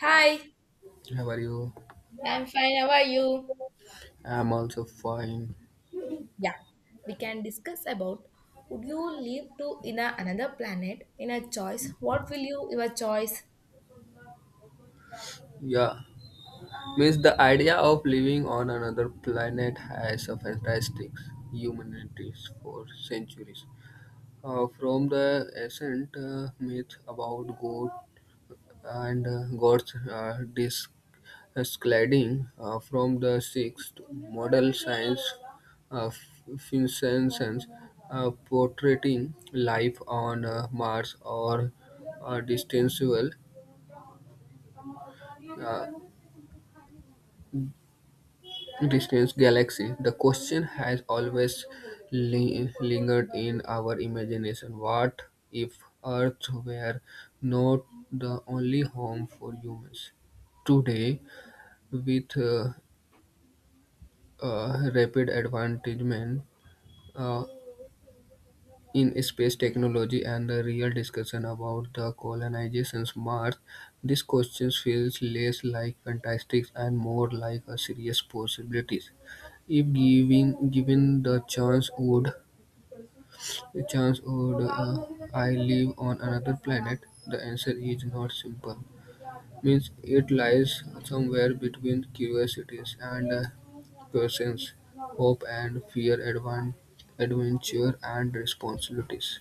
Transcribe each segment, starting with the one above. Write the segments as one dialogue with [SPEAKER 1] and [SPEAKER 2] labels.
[SPEAKER 1] Hi.
[SPEAKER 2] How are you?
[SPEAKER 1] I'm fine. How are you?
[SPEAKER 2] I'm also fine.
[SPEAKER 1] Yeah, we can discuss about would you live to in another planet in a choice? What will you your choice?
[SPEAKER 2] Yeah, means the idea of living on another planet has a fantastic humanities for centuries. From the ancient myth about God and God's escalating from the sixth model science of Vincennes portraying life on Mars or a distant world distance galaxy, the question has always lingered in our imagination. What if Earth were not the only home for humans? Today, with rapid advancement, uh, in space technology and the real discussion about the colonization's Mars, these questions feels less like fantastics and more like a serious possibilities. If given the chance, would a chance would uh, I live on another planet? The answer is not simple. Means it lies somewhere between curiosities and questions, hope and fear, adventure and responsibilities.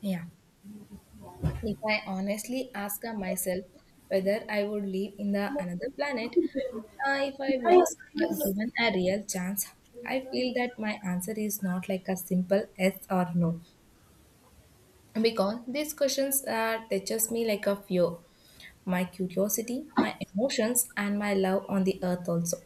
[SPEAKER 1] Yeah. If I honestly ask myself whether I would live in the another planet, if I was given a real chance, I feel that my answer is not like a simple yes or no because these questions touches me like a fear, my curiosity, my emotions, and my love on the earth also.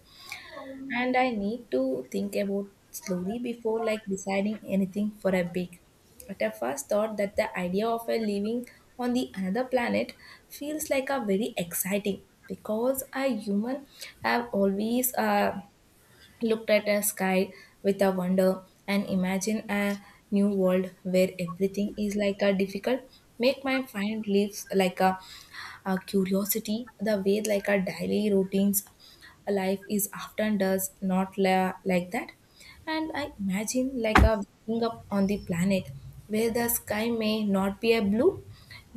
[SPEAKER 1] And I need to think about slowly before like deciding anything for a big. At a first thought that the idea of a living on the another planet feels like a very exciting because a human have always looked at a sky with a wonder and imagine a new world where everything is like a difficult make my find lives like a curiosity the way like a daily routines life is often does not like that, and I imagine like a waking up on the planet where the sky may not be a blue,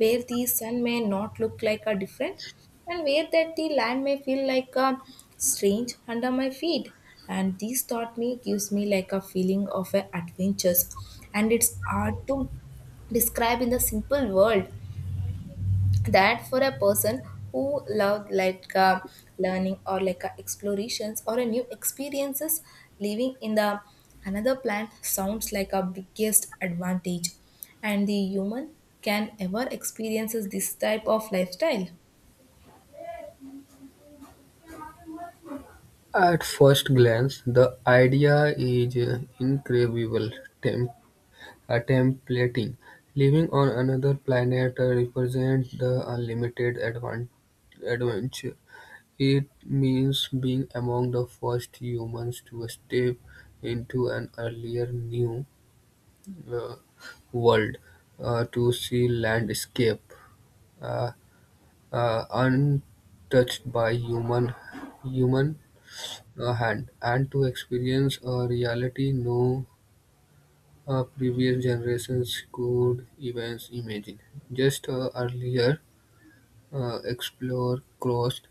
[SPEAKER 1] where the sun may not look like a different, and where that the land may feel like a strange under my feet. And this thought me gives me like a feeling of a adventures, and it's hard to describe in the simple world that for a person who loved like learning or like explorations or a new experiences, living in the another planet sounds like a biggest advantage, and the human can ever experiences this type of lifestyle.
[SPEAKER 2] At first glance, the idea is incredible: Tem- templating, living on another planet, represents the unlimited adventure. It means being among the first humans to step into an earlier new uh, world, to see landscape uh, untouched by human hand, and to experience a reality no previous generations could even imagine. Just earlier explore crossed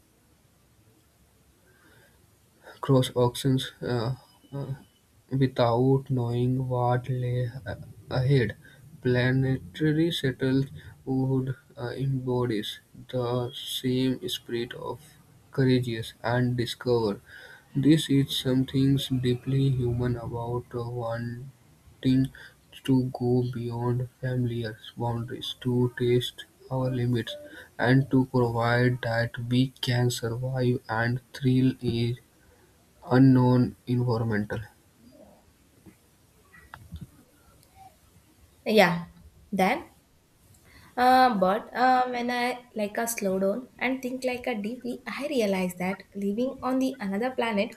[SPEAKER 2] cross auctions uh, without knowing what lay ahead. Planetary settles would embody the same spirit of courageous and discover. This is something deeply human about wanting to go beyond familiar boundaries, to test our limits, and to provide that we can survive and thrill is unknown environmental.
[SPEAKER 1] Yeah. Then But when I like a slow down and think like a deeply, I realize that living on the another planet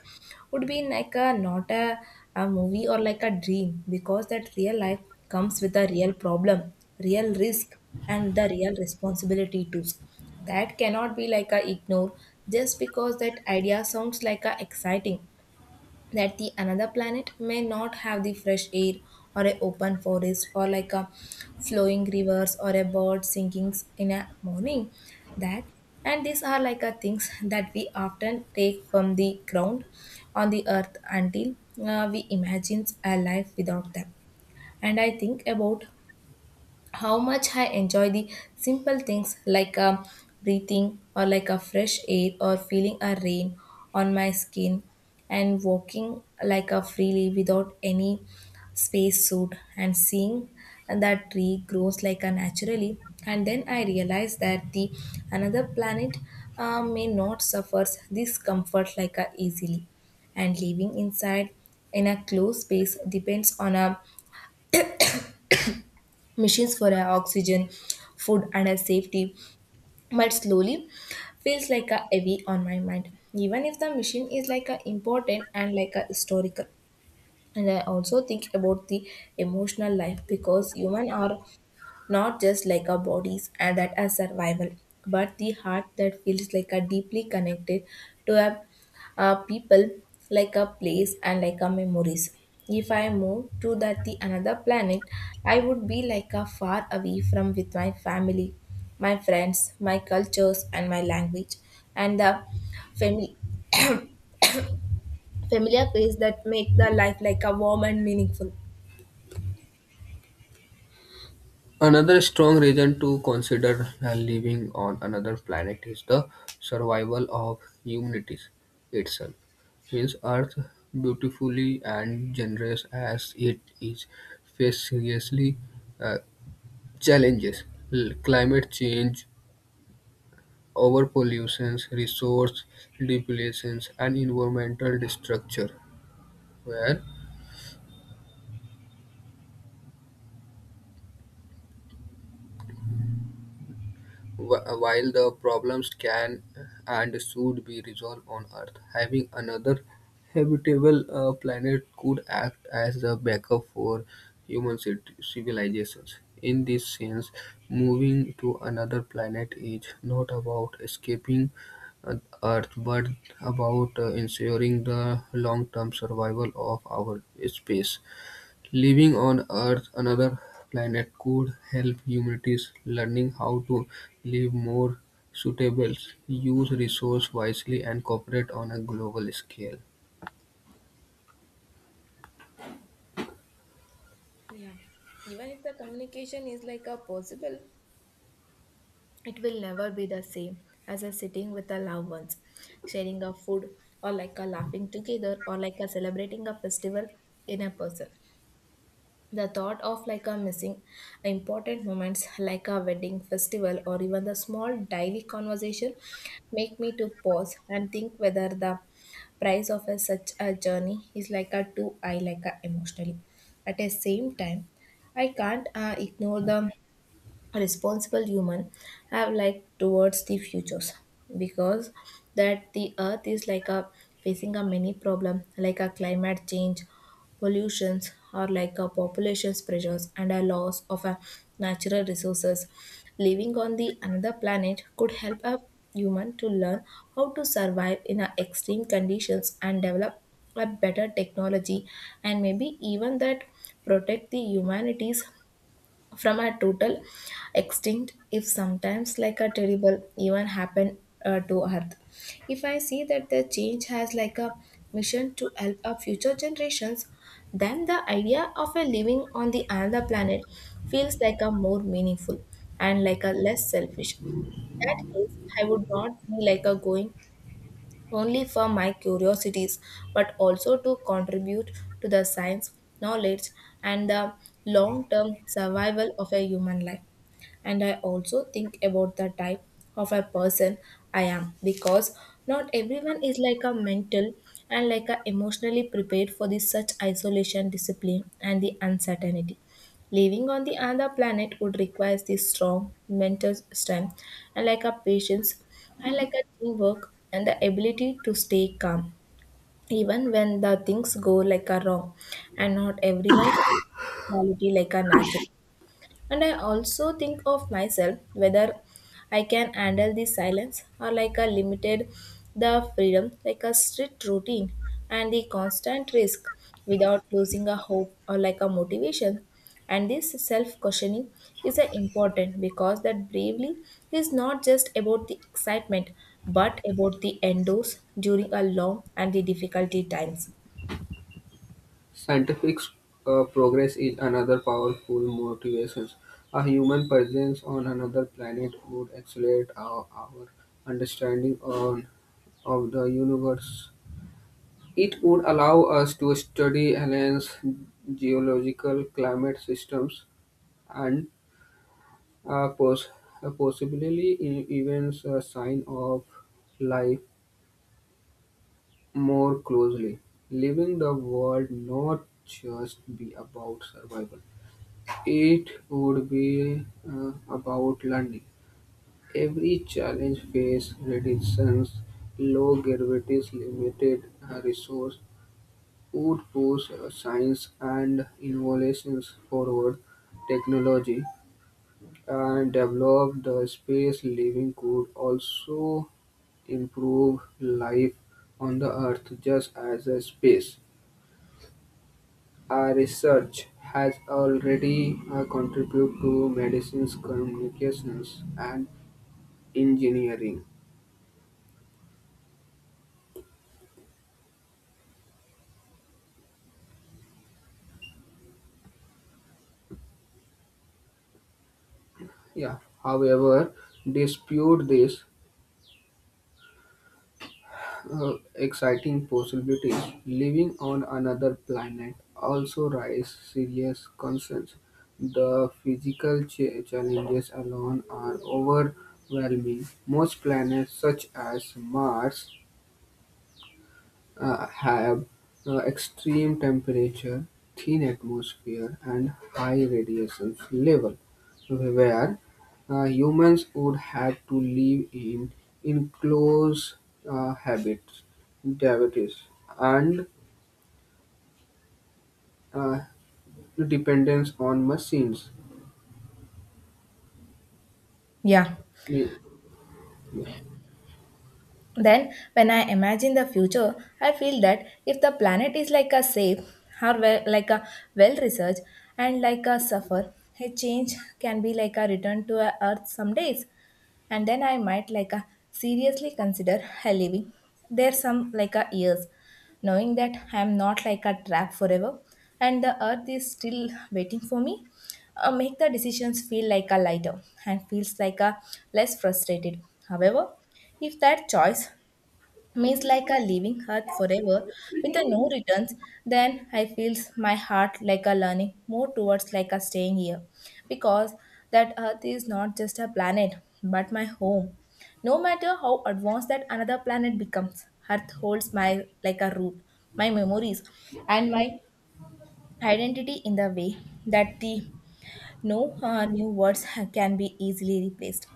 [SPEAKER 1] would be like a not a movie or like a dream because that real life comes with a real problem, real risk, and the real responsibility too. That cannot be like a ignore just because that idea sounds like a exciting, that the another planet may not have the fresh air or a open forest or like a flowing rivers or a bird singing in a morning that. And these are like a things that we often take from the ground on the earth until we imagine a life without them. And I think about how much I enjoy the simple things like breathing or like a fresh air or feeling a rain on my skin and walking like a freely without any space suit and seeing that tree grows like a naturally. And then I realized that the another planet may not suffer this comfort like a easily, and living inside in a closed space depends on a machines for our oxygen, food, and our safety. But slowly, feels like a heavy on my mind. Even if the machine is like a important and like a historical. And I also think about the emotional life because human are not just like our bodies and that as survival, but the heart that feels like a deeply connected to a people, like a place and like a memories. If I move to that the another planet, I would be like a far away from with my family, my friends, my cultures and my language, and the family familiar place that make the life like a warm and meaningful.
[SPEAKER 2] Another strong reason to consider living on another planet is the survival of humanity itself. Since Earth, beautifully and generous as it is, faces seriously uh, challenges: climate change, overpollution, resource depletion, and environmental destruction. Where While the problems can and should be resolved on Earth, having another habitable planet could act as a backup for human civilizations. In this sense, moving to another planet is not about escaping uh, Earth but about ensuring the long term survival of our space. Living on Earth, another planet, could help humanity's learning how to live more suitable, use resource wisely, and cooperate on a global scale.
[SPEAKER 1] Yeah. Even if the communication is like a possible, it will never be the same as a sitting with the loved ones, sharing a food, or like a laughing together, or like a celebrating a festival in a person. The thought of like a missing important moments like a wedding festival or even the small daily conversation make me to pause and think whether the price of a such a journey is like a too high like a emotionally. At the same time, I can't ignore the a responsible human have like towards the futures because that the earth is like a facing a many problem like a climate change, pollutions or like a population pressures and a loss of a natural resources. Living on the another planet could help a human to learn how to survive in a extreme conditions and develop a better technology and maybe even that protect the humanities from a total extinct if sometimes like a terrible even happen to earth. If I see that the change has like a mission to help our future generations, then the idea of a living on the another planet feels like a more meaningful and like a less selfish. That case, I would not be like a going only for my curiosities, but also to contribute to the science, knowledge, and the long term survival of a human life. And I also think about the type of a person I am because not everyone is like a mental and like a emotionally prepared for this such isolation, discipline, and the uncertainty. Living on the other planet would require this strong mental strength and like a patience and like a teamwork and the ability to stay calm even when the things go like a wrong, and not everyone has quality like a natural. And I also think of myself whether I can handle the silence or like a limited the freedom, like a strict routine and the constant risk without losing a hope or like a motivation. And this self questioning is a important because that bravely is not just about the excitement but about the endos during a long and the difficulty times.
[SPEAKER 2] Scientific progress is another powerful motivation. A human presence on another planet would accelerate our understanding on, of the universe. It would allow us to study aliens, geological climate systems, and Uh, pos- possibly even a sign of life more closely. Living the world not just be about survival. It would be about learning. Every challenge face reductions, low gravities, limited resource would push science and innovations forward. Technology and develop the space living could also improve life on the earth just as a space. Our research has already contributed to medicines, communications, and engineering. Yeah. However, dispute this exciting possibilities. Living on another planet also raises serious concerns. The physical challenges alone are overwhelming. Most planets, such as Mars, have extreme temperature, thin atmosphere, and high radiation level, where humans would have to live in enclosed habits, cavities, and uh, dependence on machines.
[SPEAKER 1] Yeah.
[SPEAKER 2] We-
[SPEAKER 1] Then, when I imagine the future, I feel that if the planet is like a safe or well, like a well researched and like a suffer, a change can be like a return to a Earth some days, and then I might like a seriously consider a living there some like a years, knowing that I am not like a trap forever, and the Earth is still waiting for me. Make the decisions feel like a lighter and feels like a less frustrated. However, if that choice means like a leaving earth forever with a no returns, then I feels my heart like a learning more towards like a staying here because that earth is not just a planet but my home. No matter how advanced that another planet becomes, earth holds my like a root, my memories, and my identity in the way that the no new words can be easily replaced.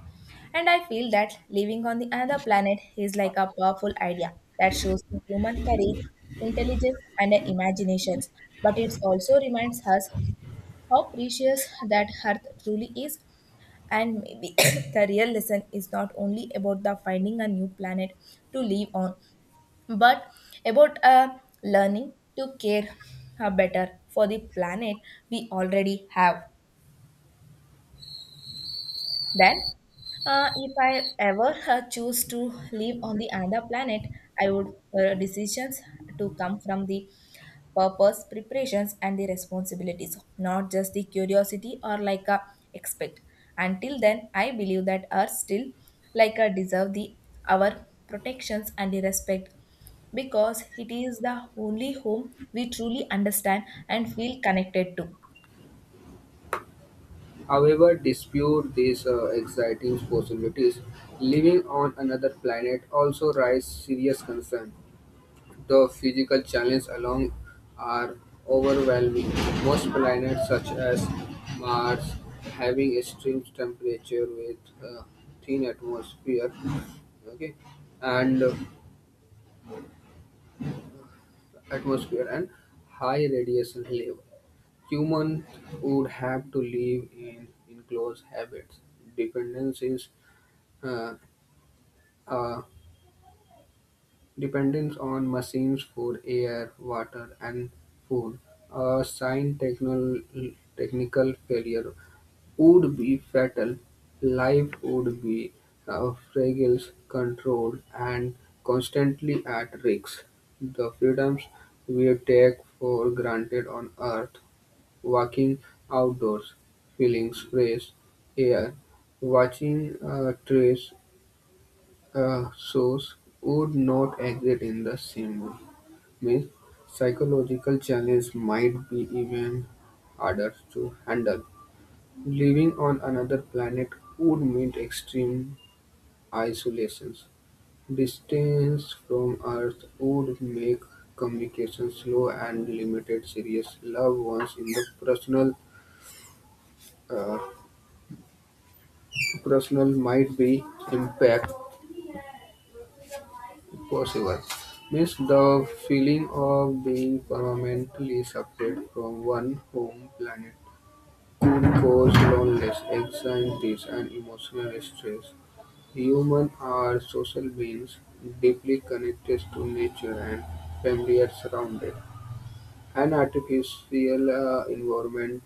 [SPEAKER 1] And I feel that living on the another planet is like a powerful idea that shows the human courage, intelligence, and imaginations. But it also reminds us how precious that Earth truly is. And maybe the real lesson is not only about the finding a new planet to live on, but about learning to care better for the planet we already have. Then, if I ever choose to live on the another planet, I would decisions to come from the purpose, preparations, and the responsibilities, not just the curiosity or like a expect. Until then, I believe that Earth still like a deserve the our protections and the respect because it is the only home we truly understand and feel connected to.
[SPEAKER 2] However, dispute these exciting possibilities. Living on another planet also raises serious concerns. The physical challenges alone are overwhelming, most planets such as Mars having extreme temperature with uh, thin atmosphere okay and atmosphere and high radiation level. Humans would have to live in enclosed habits. Dependencies uh, uh, Dependence on machines for air, water, and food, a sign technical failure would be fatal. Life would be fragile, controlled, and constantly at risk. The freedoms we take for granted on Earth, walking outdoors, feeling fresh air, watching trees a source would not exist in the same way. Means psychological challenge might be even harder to handle. Living on another planet would mean extreme isolations. Distance from Earth would make communication slow and limited serious loved ones in the uh, personal might be impacted. Possible. Miss the feeling of being permanently separate from one home planet could cause loneliness, anxieties, and emotional stress. Humans are social beings, deeply connected to nature and familiar surroundings. An artificial environment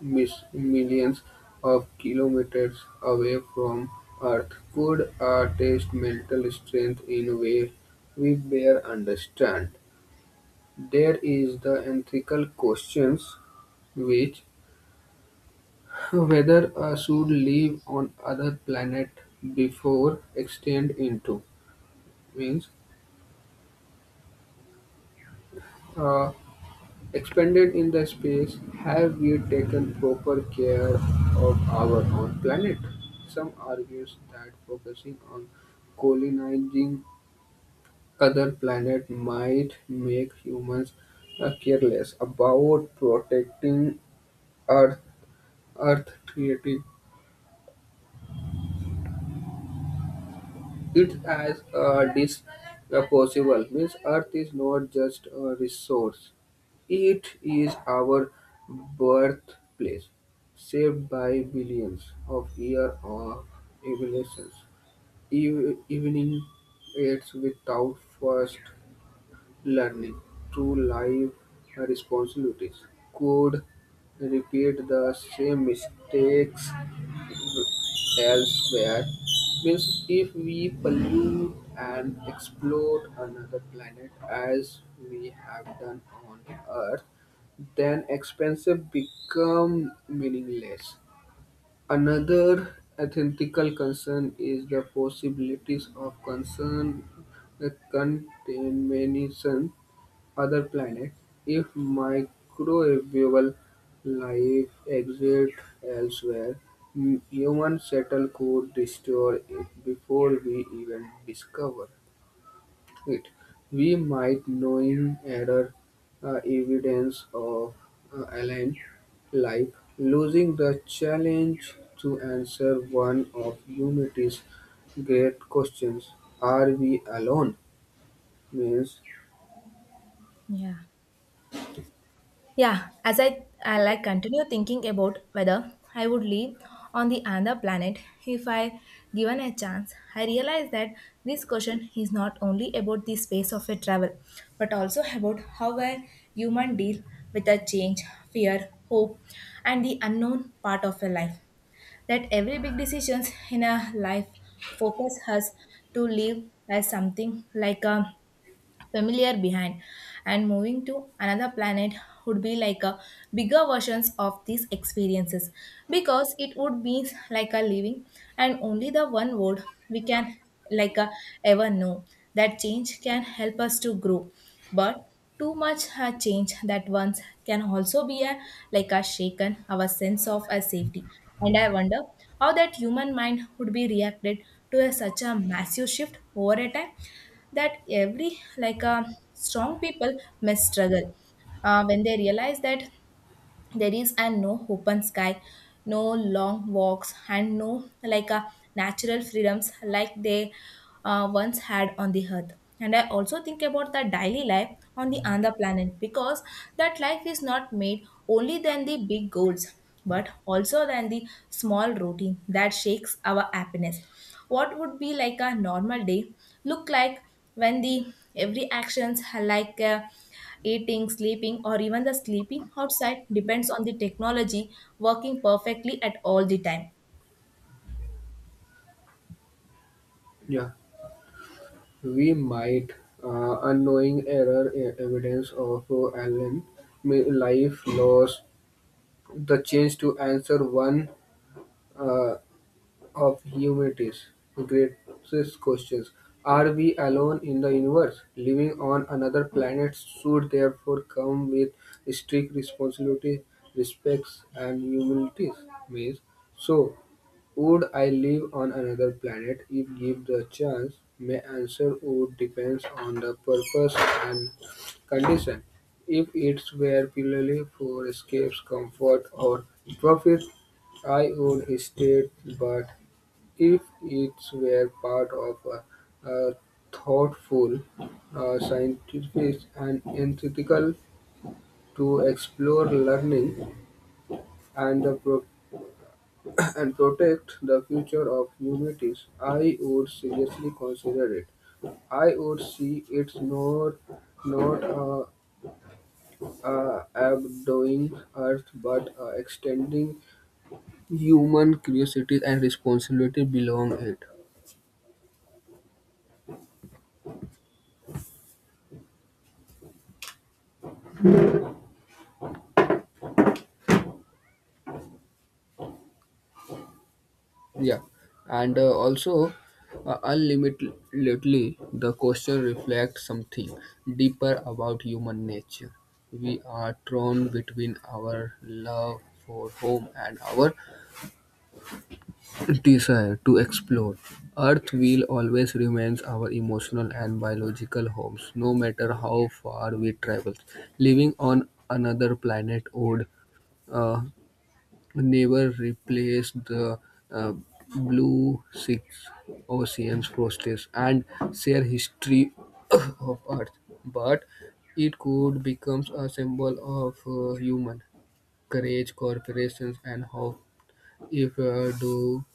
[SPEAKER 2] Millions of kilometers away from Earth, could attest mental strength in a way we bear understand. There is the ethical questions which whether I should live on other planet before extend into means uh, expanded in the space, have we taken proper care of our own planet? Some argue that focusing on colonizing other planets might make humans careless about protecting Earth, Earth treating it as a dis a possible means Earth is not just a resource; it is our birthplace, shaped by billions of years of evolutions. Evening its without first learning through life responsibilities could repeat the same mistakes elsewhere. Means if we pollute and explode another planet as we have done on Earth, then expensive become meaningless. Another ethical concern is the possibilities of concern the contamination other planets. If microbial life exists elsewhere, human settle could destroy it before we even discover it. We might note other evidence of Allen life, losing the challenge to answer one of humanity's great questions: Are we alone? Means,
[SPEAKER 1] Yeah. Yeah, as I like continue thinking about whether I would live on the other planet if I given a chance, I realize that this question is not only about the space of a travel, but also about how a human deal with a change, fear, hope, and the unknown part of a life. That every big decisions in a life focus us to live as something like a familiar behind, and moving to another planet would be like a bigger versions of these experiences because it would be like a living and only the one world we can like a ever know. That change can help us to grow, but too much change that once can also be a like a shaken our sense of a safety. And I wonder how that human mind would be reacted to such a massive shift over a time. That every like a strong people must struggle when they realize that there is and no open sky, no long walks and no like a natural freedoms like they once had on the earth. And I also think about the daily life on the other planet because that life is not made only than the big goals but also than the small routine that shakes our happiness. What would be like a normal day look like when the every actions are like a eating, sleeping, or even the sleeping outside depends on the technology working perfectly at all the time.
[SPEAKER 2] yeah, we might unknowing error evidence of Allen life loss the chance to answer one. Uh, of humanities raises questions. Are we alone in the universe? Living on another planet should therefore come with strict responsibility, respects, and humilities. Means, so would I live on another planet if given the chance? My answer would depends on the purpose and condition. If it's were purely for escapes, comfort, or profit, I would stay. But if it were part of a thoughtful, scientific and ethical to explore learning and the and protect the future of humanity, I would seriously consider it. I would see it's not abdoing Earth, but extending human curiosity and responsibility belong it. Yeah, and also unlimitedly, the question reflects something deeper about human nature. We are torn between our love for home and our desire to explore. Earth will always remains our emotional and biological homes, no matter how far we travel. Living on another planet would uh, never replaced the uh, Blue Six Oceans Frosties and share history of Earth, but it could become a symbol of human courage, corporations, and hope if do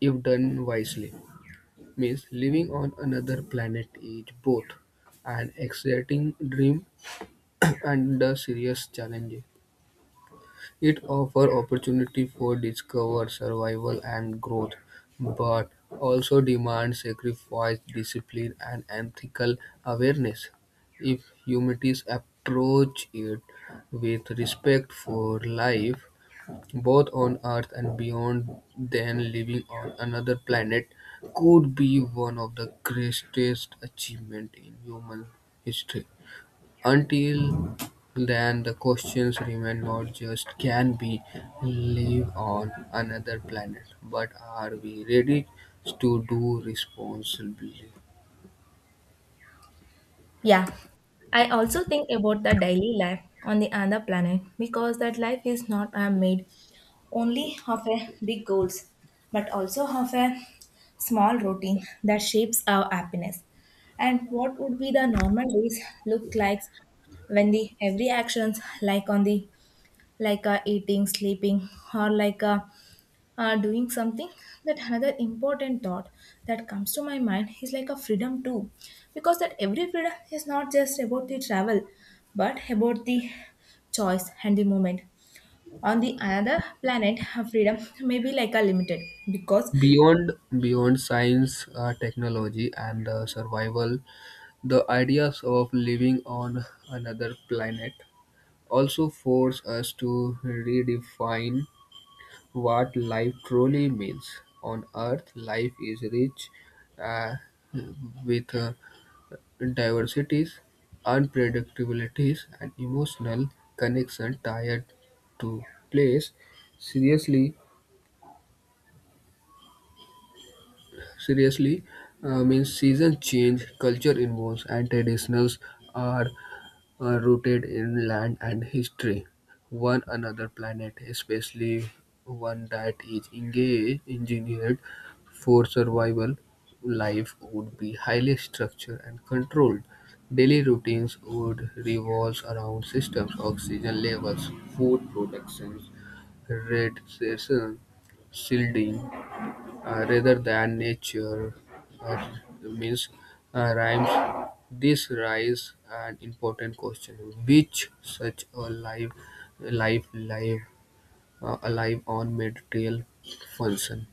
[SPEAKER 2] if done wisely. Means living on another planet is both an exciting dream and a serious challenge. It offers opportunity for discovery, survival, and growth, but also demands sacrifice, discipline, and ethical awareness. If humanities approach it with respect for life, both on Earth and beyond, then living on another planet could be one of the greatest achievements in human history. Until then, the questions remain not just can we live on another planet, but are we ready to do responsibly?
[SPEAKER 1] Yeah, I also think about the daily life on the other planet because that life is not made only of a big goals but also of a small routine that shapes our happiness. And what would be the normal days look like when the every actions like on the like eating, sleeping, or like doing something. That another important thought that comes to my mind is like a freedom too, because that every freedom is not just about the travel but about the choice and the moment. On the another planet freedom may be like a limited because...
[SPEAKER 2] Beyond beyond science, technology, and survival, the ideas of living on another planet also force us to redefine what life truly means. On Earth, life is rich uh, with diversities, unpredictabilities, and emotional connection tied to place. Seriously, seriously, Means season change, culture evolves, and traditions are rooted in land and history. One another planet, especially one that is engaged, engineered for survival, life would be highly structured and controlled. Daily routines would revolve around systems, oxygen levels, food productions, radiation, shielding, rather than nature uh, means rhymes. This raises an important question: Which such a live, alive on material function?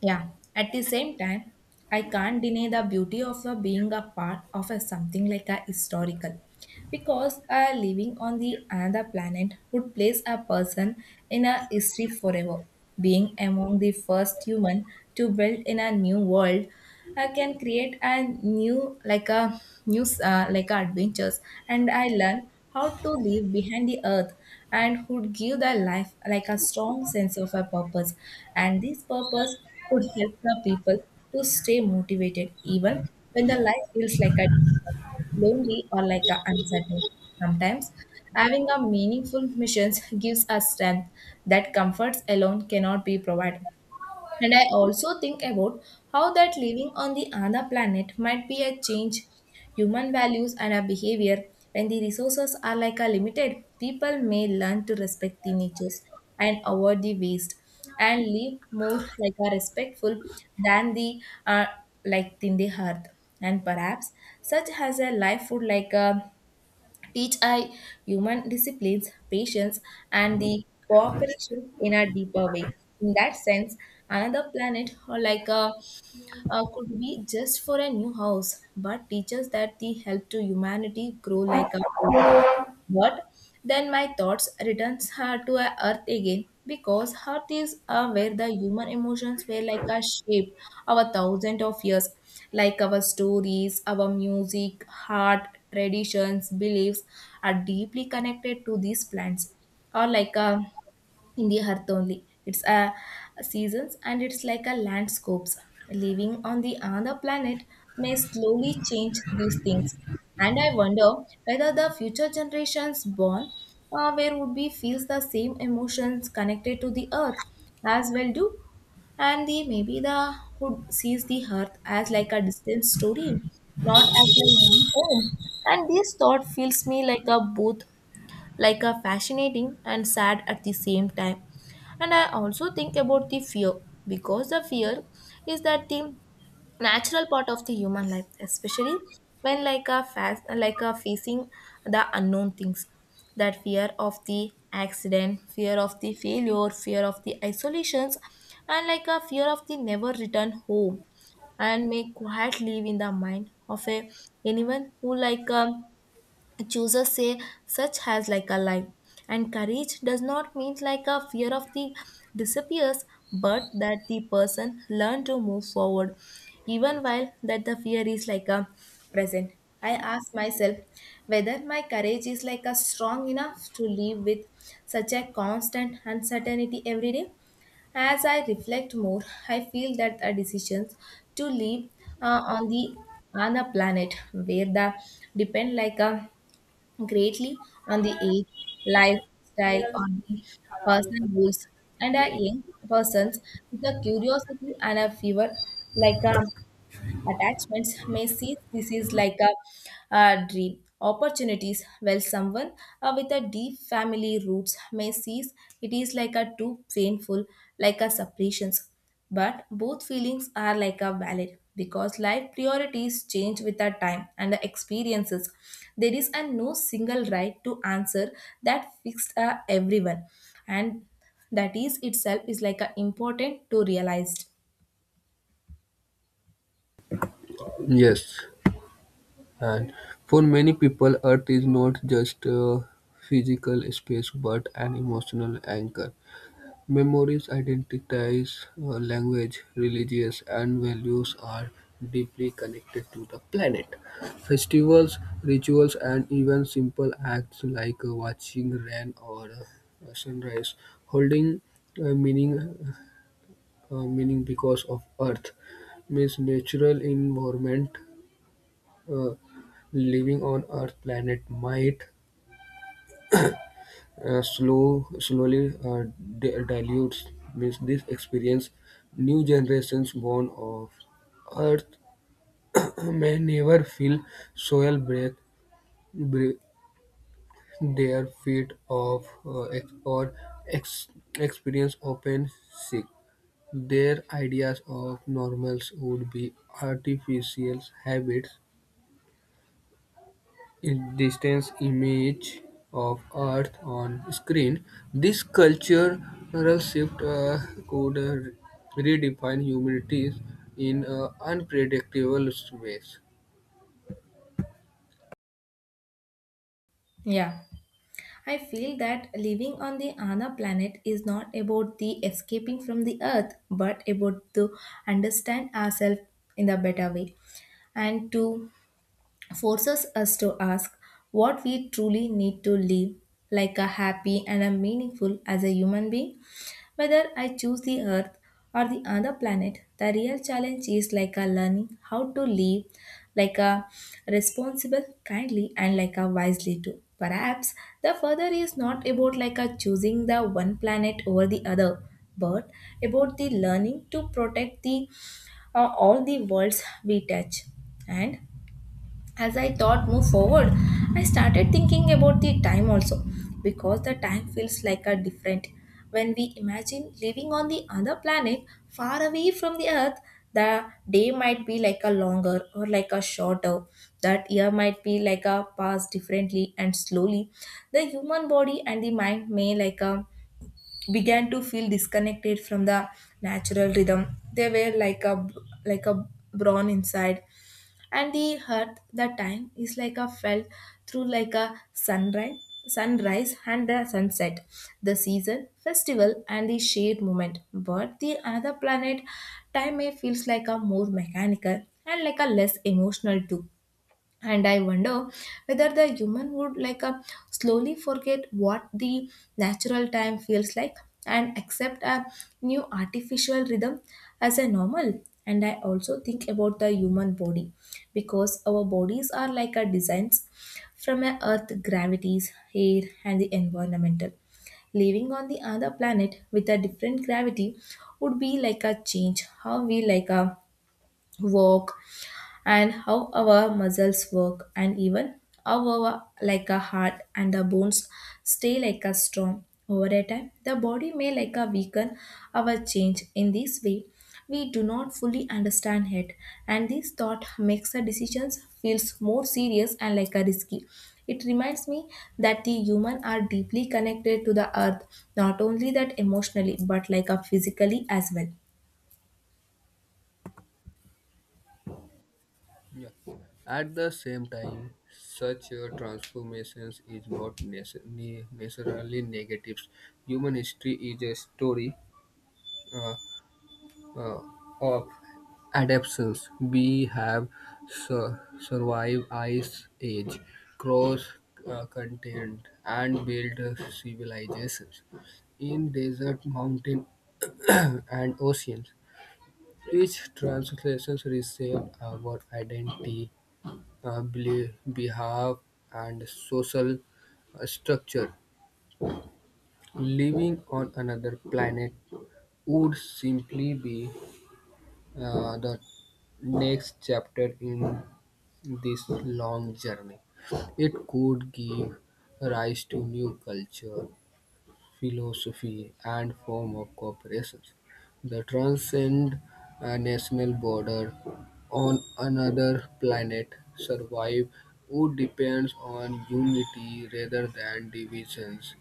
[SPEAKER 1] Yeah, at the same time, I can't deny the beauty of the being a part of a something like a historical, because living on the another planet would place a person in a history forever, being among the first human to build in a new world. I can create a new like a new like a adventures, and I learn how to live behind the earth, and would give the life like a strong sense of a purpose. And this purpose could help the people to stay motivated even when the life feels like a difficult, lonely or like a uncertain. Sometimes having a meaningful missions gives us strength that comforts alone cannot be provided. And I also think about how that living on the other planet might be a change human values and our behavior. When the resources are like a limited, people may learn to respect the natures and avoid the waste, and live more like a respectful than the uh, like in the earth. And perhaps such as a life would like a teach I human disciplines, patience, and the cooperation in a deeper way. In that sense, another planet or like a could be just for a new house, but teaches that the help to humanity grow like a... But then my thoughts returns her to a earth again, because earth is where the human emotions were like are shaped our thousands of years. Like our stories, our music, heart, traditions, beliefs are deeply connected to these plants. Or like a in the earth only. It's a seasons and it's like a landscapes. Living on the other planet may slowly change these things. And I wonder whether the future generations born where would be feels the same emotions connected to the earth as well do, and the maybe the who sees the earth as like a distant story, not as a living home. And this thought feels me like a both like a fascinating and sad at the same time. And I also think about the fear, because the fear is that the natural part of the human life, especially when like a fast like a facing the unknown things. That fear of the accident, fear of the failure, fear of the isolations, and like a fear of the never return home, and may quiet live in the mind of a anyone who like choosers say such has like a lie. And courage does not mean like a fear of the disappears, but that the person learn to move forward even while that the fear is like a present. I ask myself whether my courage is like a strong enough to live with such a constant uncertainty every day. As I reflect more, I feel that the decisions to live on the on a planet where the depend like a greatly on the age, lifestyle, or the personal goals. And a young persons with a curiosity and a fever like a attachments may see this is like a, dream. Opportunities, well, someone with a deep family roots may see it is like a too painful, like a separations. But both feelings are like a valid, because life priorities change with the time and the experiences. There is a no single right to answer that fixed everyone, and that is itself is like a important to realize.
[SPEAKER 2] Yes, and for many people, Earth is not just a physical space but an emotional anchor. Memories, identities, language, religious, and values are deeply connected to the planet. Festivals, rituals, and even simple acts like watching rain or sunrise holding uh, meaning meaning because of Earth means natural environment. Uh, living on Earth planet might slowly dilutes means this experience new generations born of earth may never feel soil breath bre- their feet of ex- experience open sick their ideas of normals would be artificial habits in distance, image of Earth on screen. This cultural shift could redefine humanities in unpredictable ways.
[SPEAKER 1] Yeah. I feel that living on the Ana planet is not about the escaping from the earth, but about to understand ourselves in a better way, and to forces us to ask what we truly need to live like a happy and a meaningful as a human being. Whether I choose the earth or the other planet, the real challenge is like a learning how to live like a responsible, kindly and like a wisely too. Perhaps the further is not about like a choosing the one planet over the other, but about the learning to protect the all the worlds we touch. And as I thought move forward, I started thinking about the time also, because the time feels like a different. When we imagine living on the other planet far away from the earth, the day might be like a longer or like a shorter. That year might be like a pass differently and slowly. The human body and the mind may like a began to feel disconnected from the natural rhythm. They were like a brawn inside, and the heart the time is like a felt through like a sunrise and the sunset, the season festival and the shared moment. But the other planet time may feels like a more mechanical and like a less emotional too. And I wonder whether the human would like slowly forget what the natural time feels like, and accept a new artificial rhythm as a normal. And I also think about the human body, because our bodies are like a designs from a earth gravities air and the environmental. Living on the other planet with a different gravity would be like a change how we like a walk, and how our muscles work, and even how our like a heart and the bones stay like a strong over a time. The body may like a weaken our change in this way, we do not fully understand it. And this thought makes the decisions feels more serious and like a risky. It reminds me that the human are deeply connected to the earth, not only that emotionally but like a physically as well.
[SPEAKER 2] Yeah. At the same time, such transformations is not necessarily negative. Human history is a story. uh, uh, of adaptations we have survived ice age, cross continent, and built civilizations in desert, mountain, and oceans. Each translation reshaped our identity, belief, behalf, and social structure. Living on another planet would simply be the next chapter in this long journey. It could give rise to new culture, philosophy, and form of corporations. The transcend a national border on another planet survive would depends on unity rather than divisions,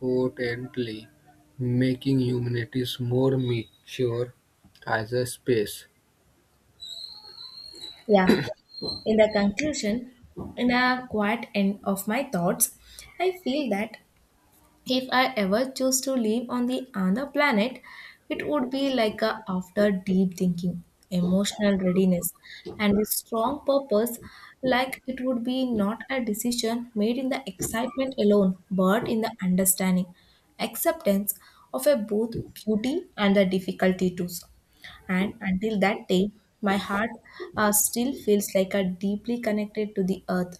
[SPEAKER 2] potently making humanities more mature as a space.
[SPEAKER 1] Yeah. In the conclusion, in the quiet end of my thoughts, I feel that if I ever choose to live on the other planet, it would be like a after deep thinking, emotional readiness, and a strong purpose. Like it would be not a decision made in the excitement alone, but in the understanding, acceptance of a both beauty and the difficulty too. And until that day, my heart still feels like a deeply connected to the earth,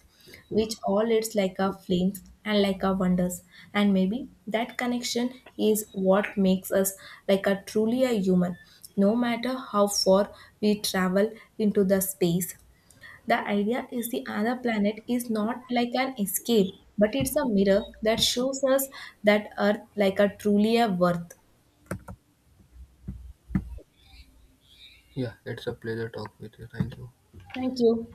[SPEAKER 1] which all its like a flames and like a wonders. And maybe that connection is what makes us like a truly a human, no matter how far we travel into the space. The idea is the other planet is not like an escape, but it's a mirror that shows us that Earth like a truly a worth.
[SPEAKER 2] Yeah, it's a pleasure talk with you. Thank you.
[SPEAKER 1] Thank you.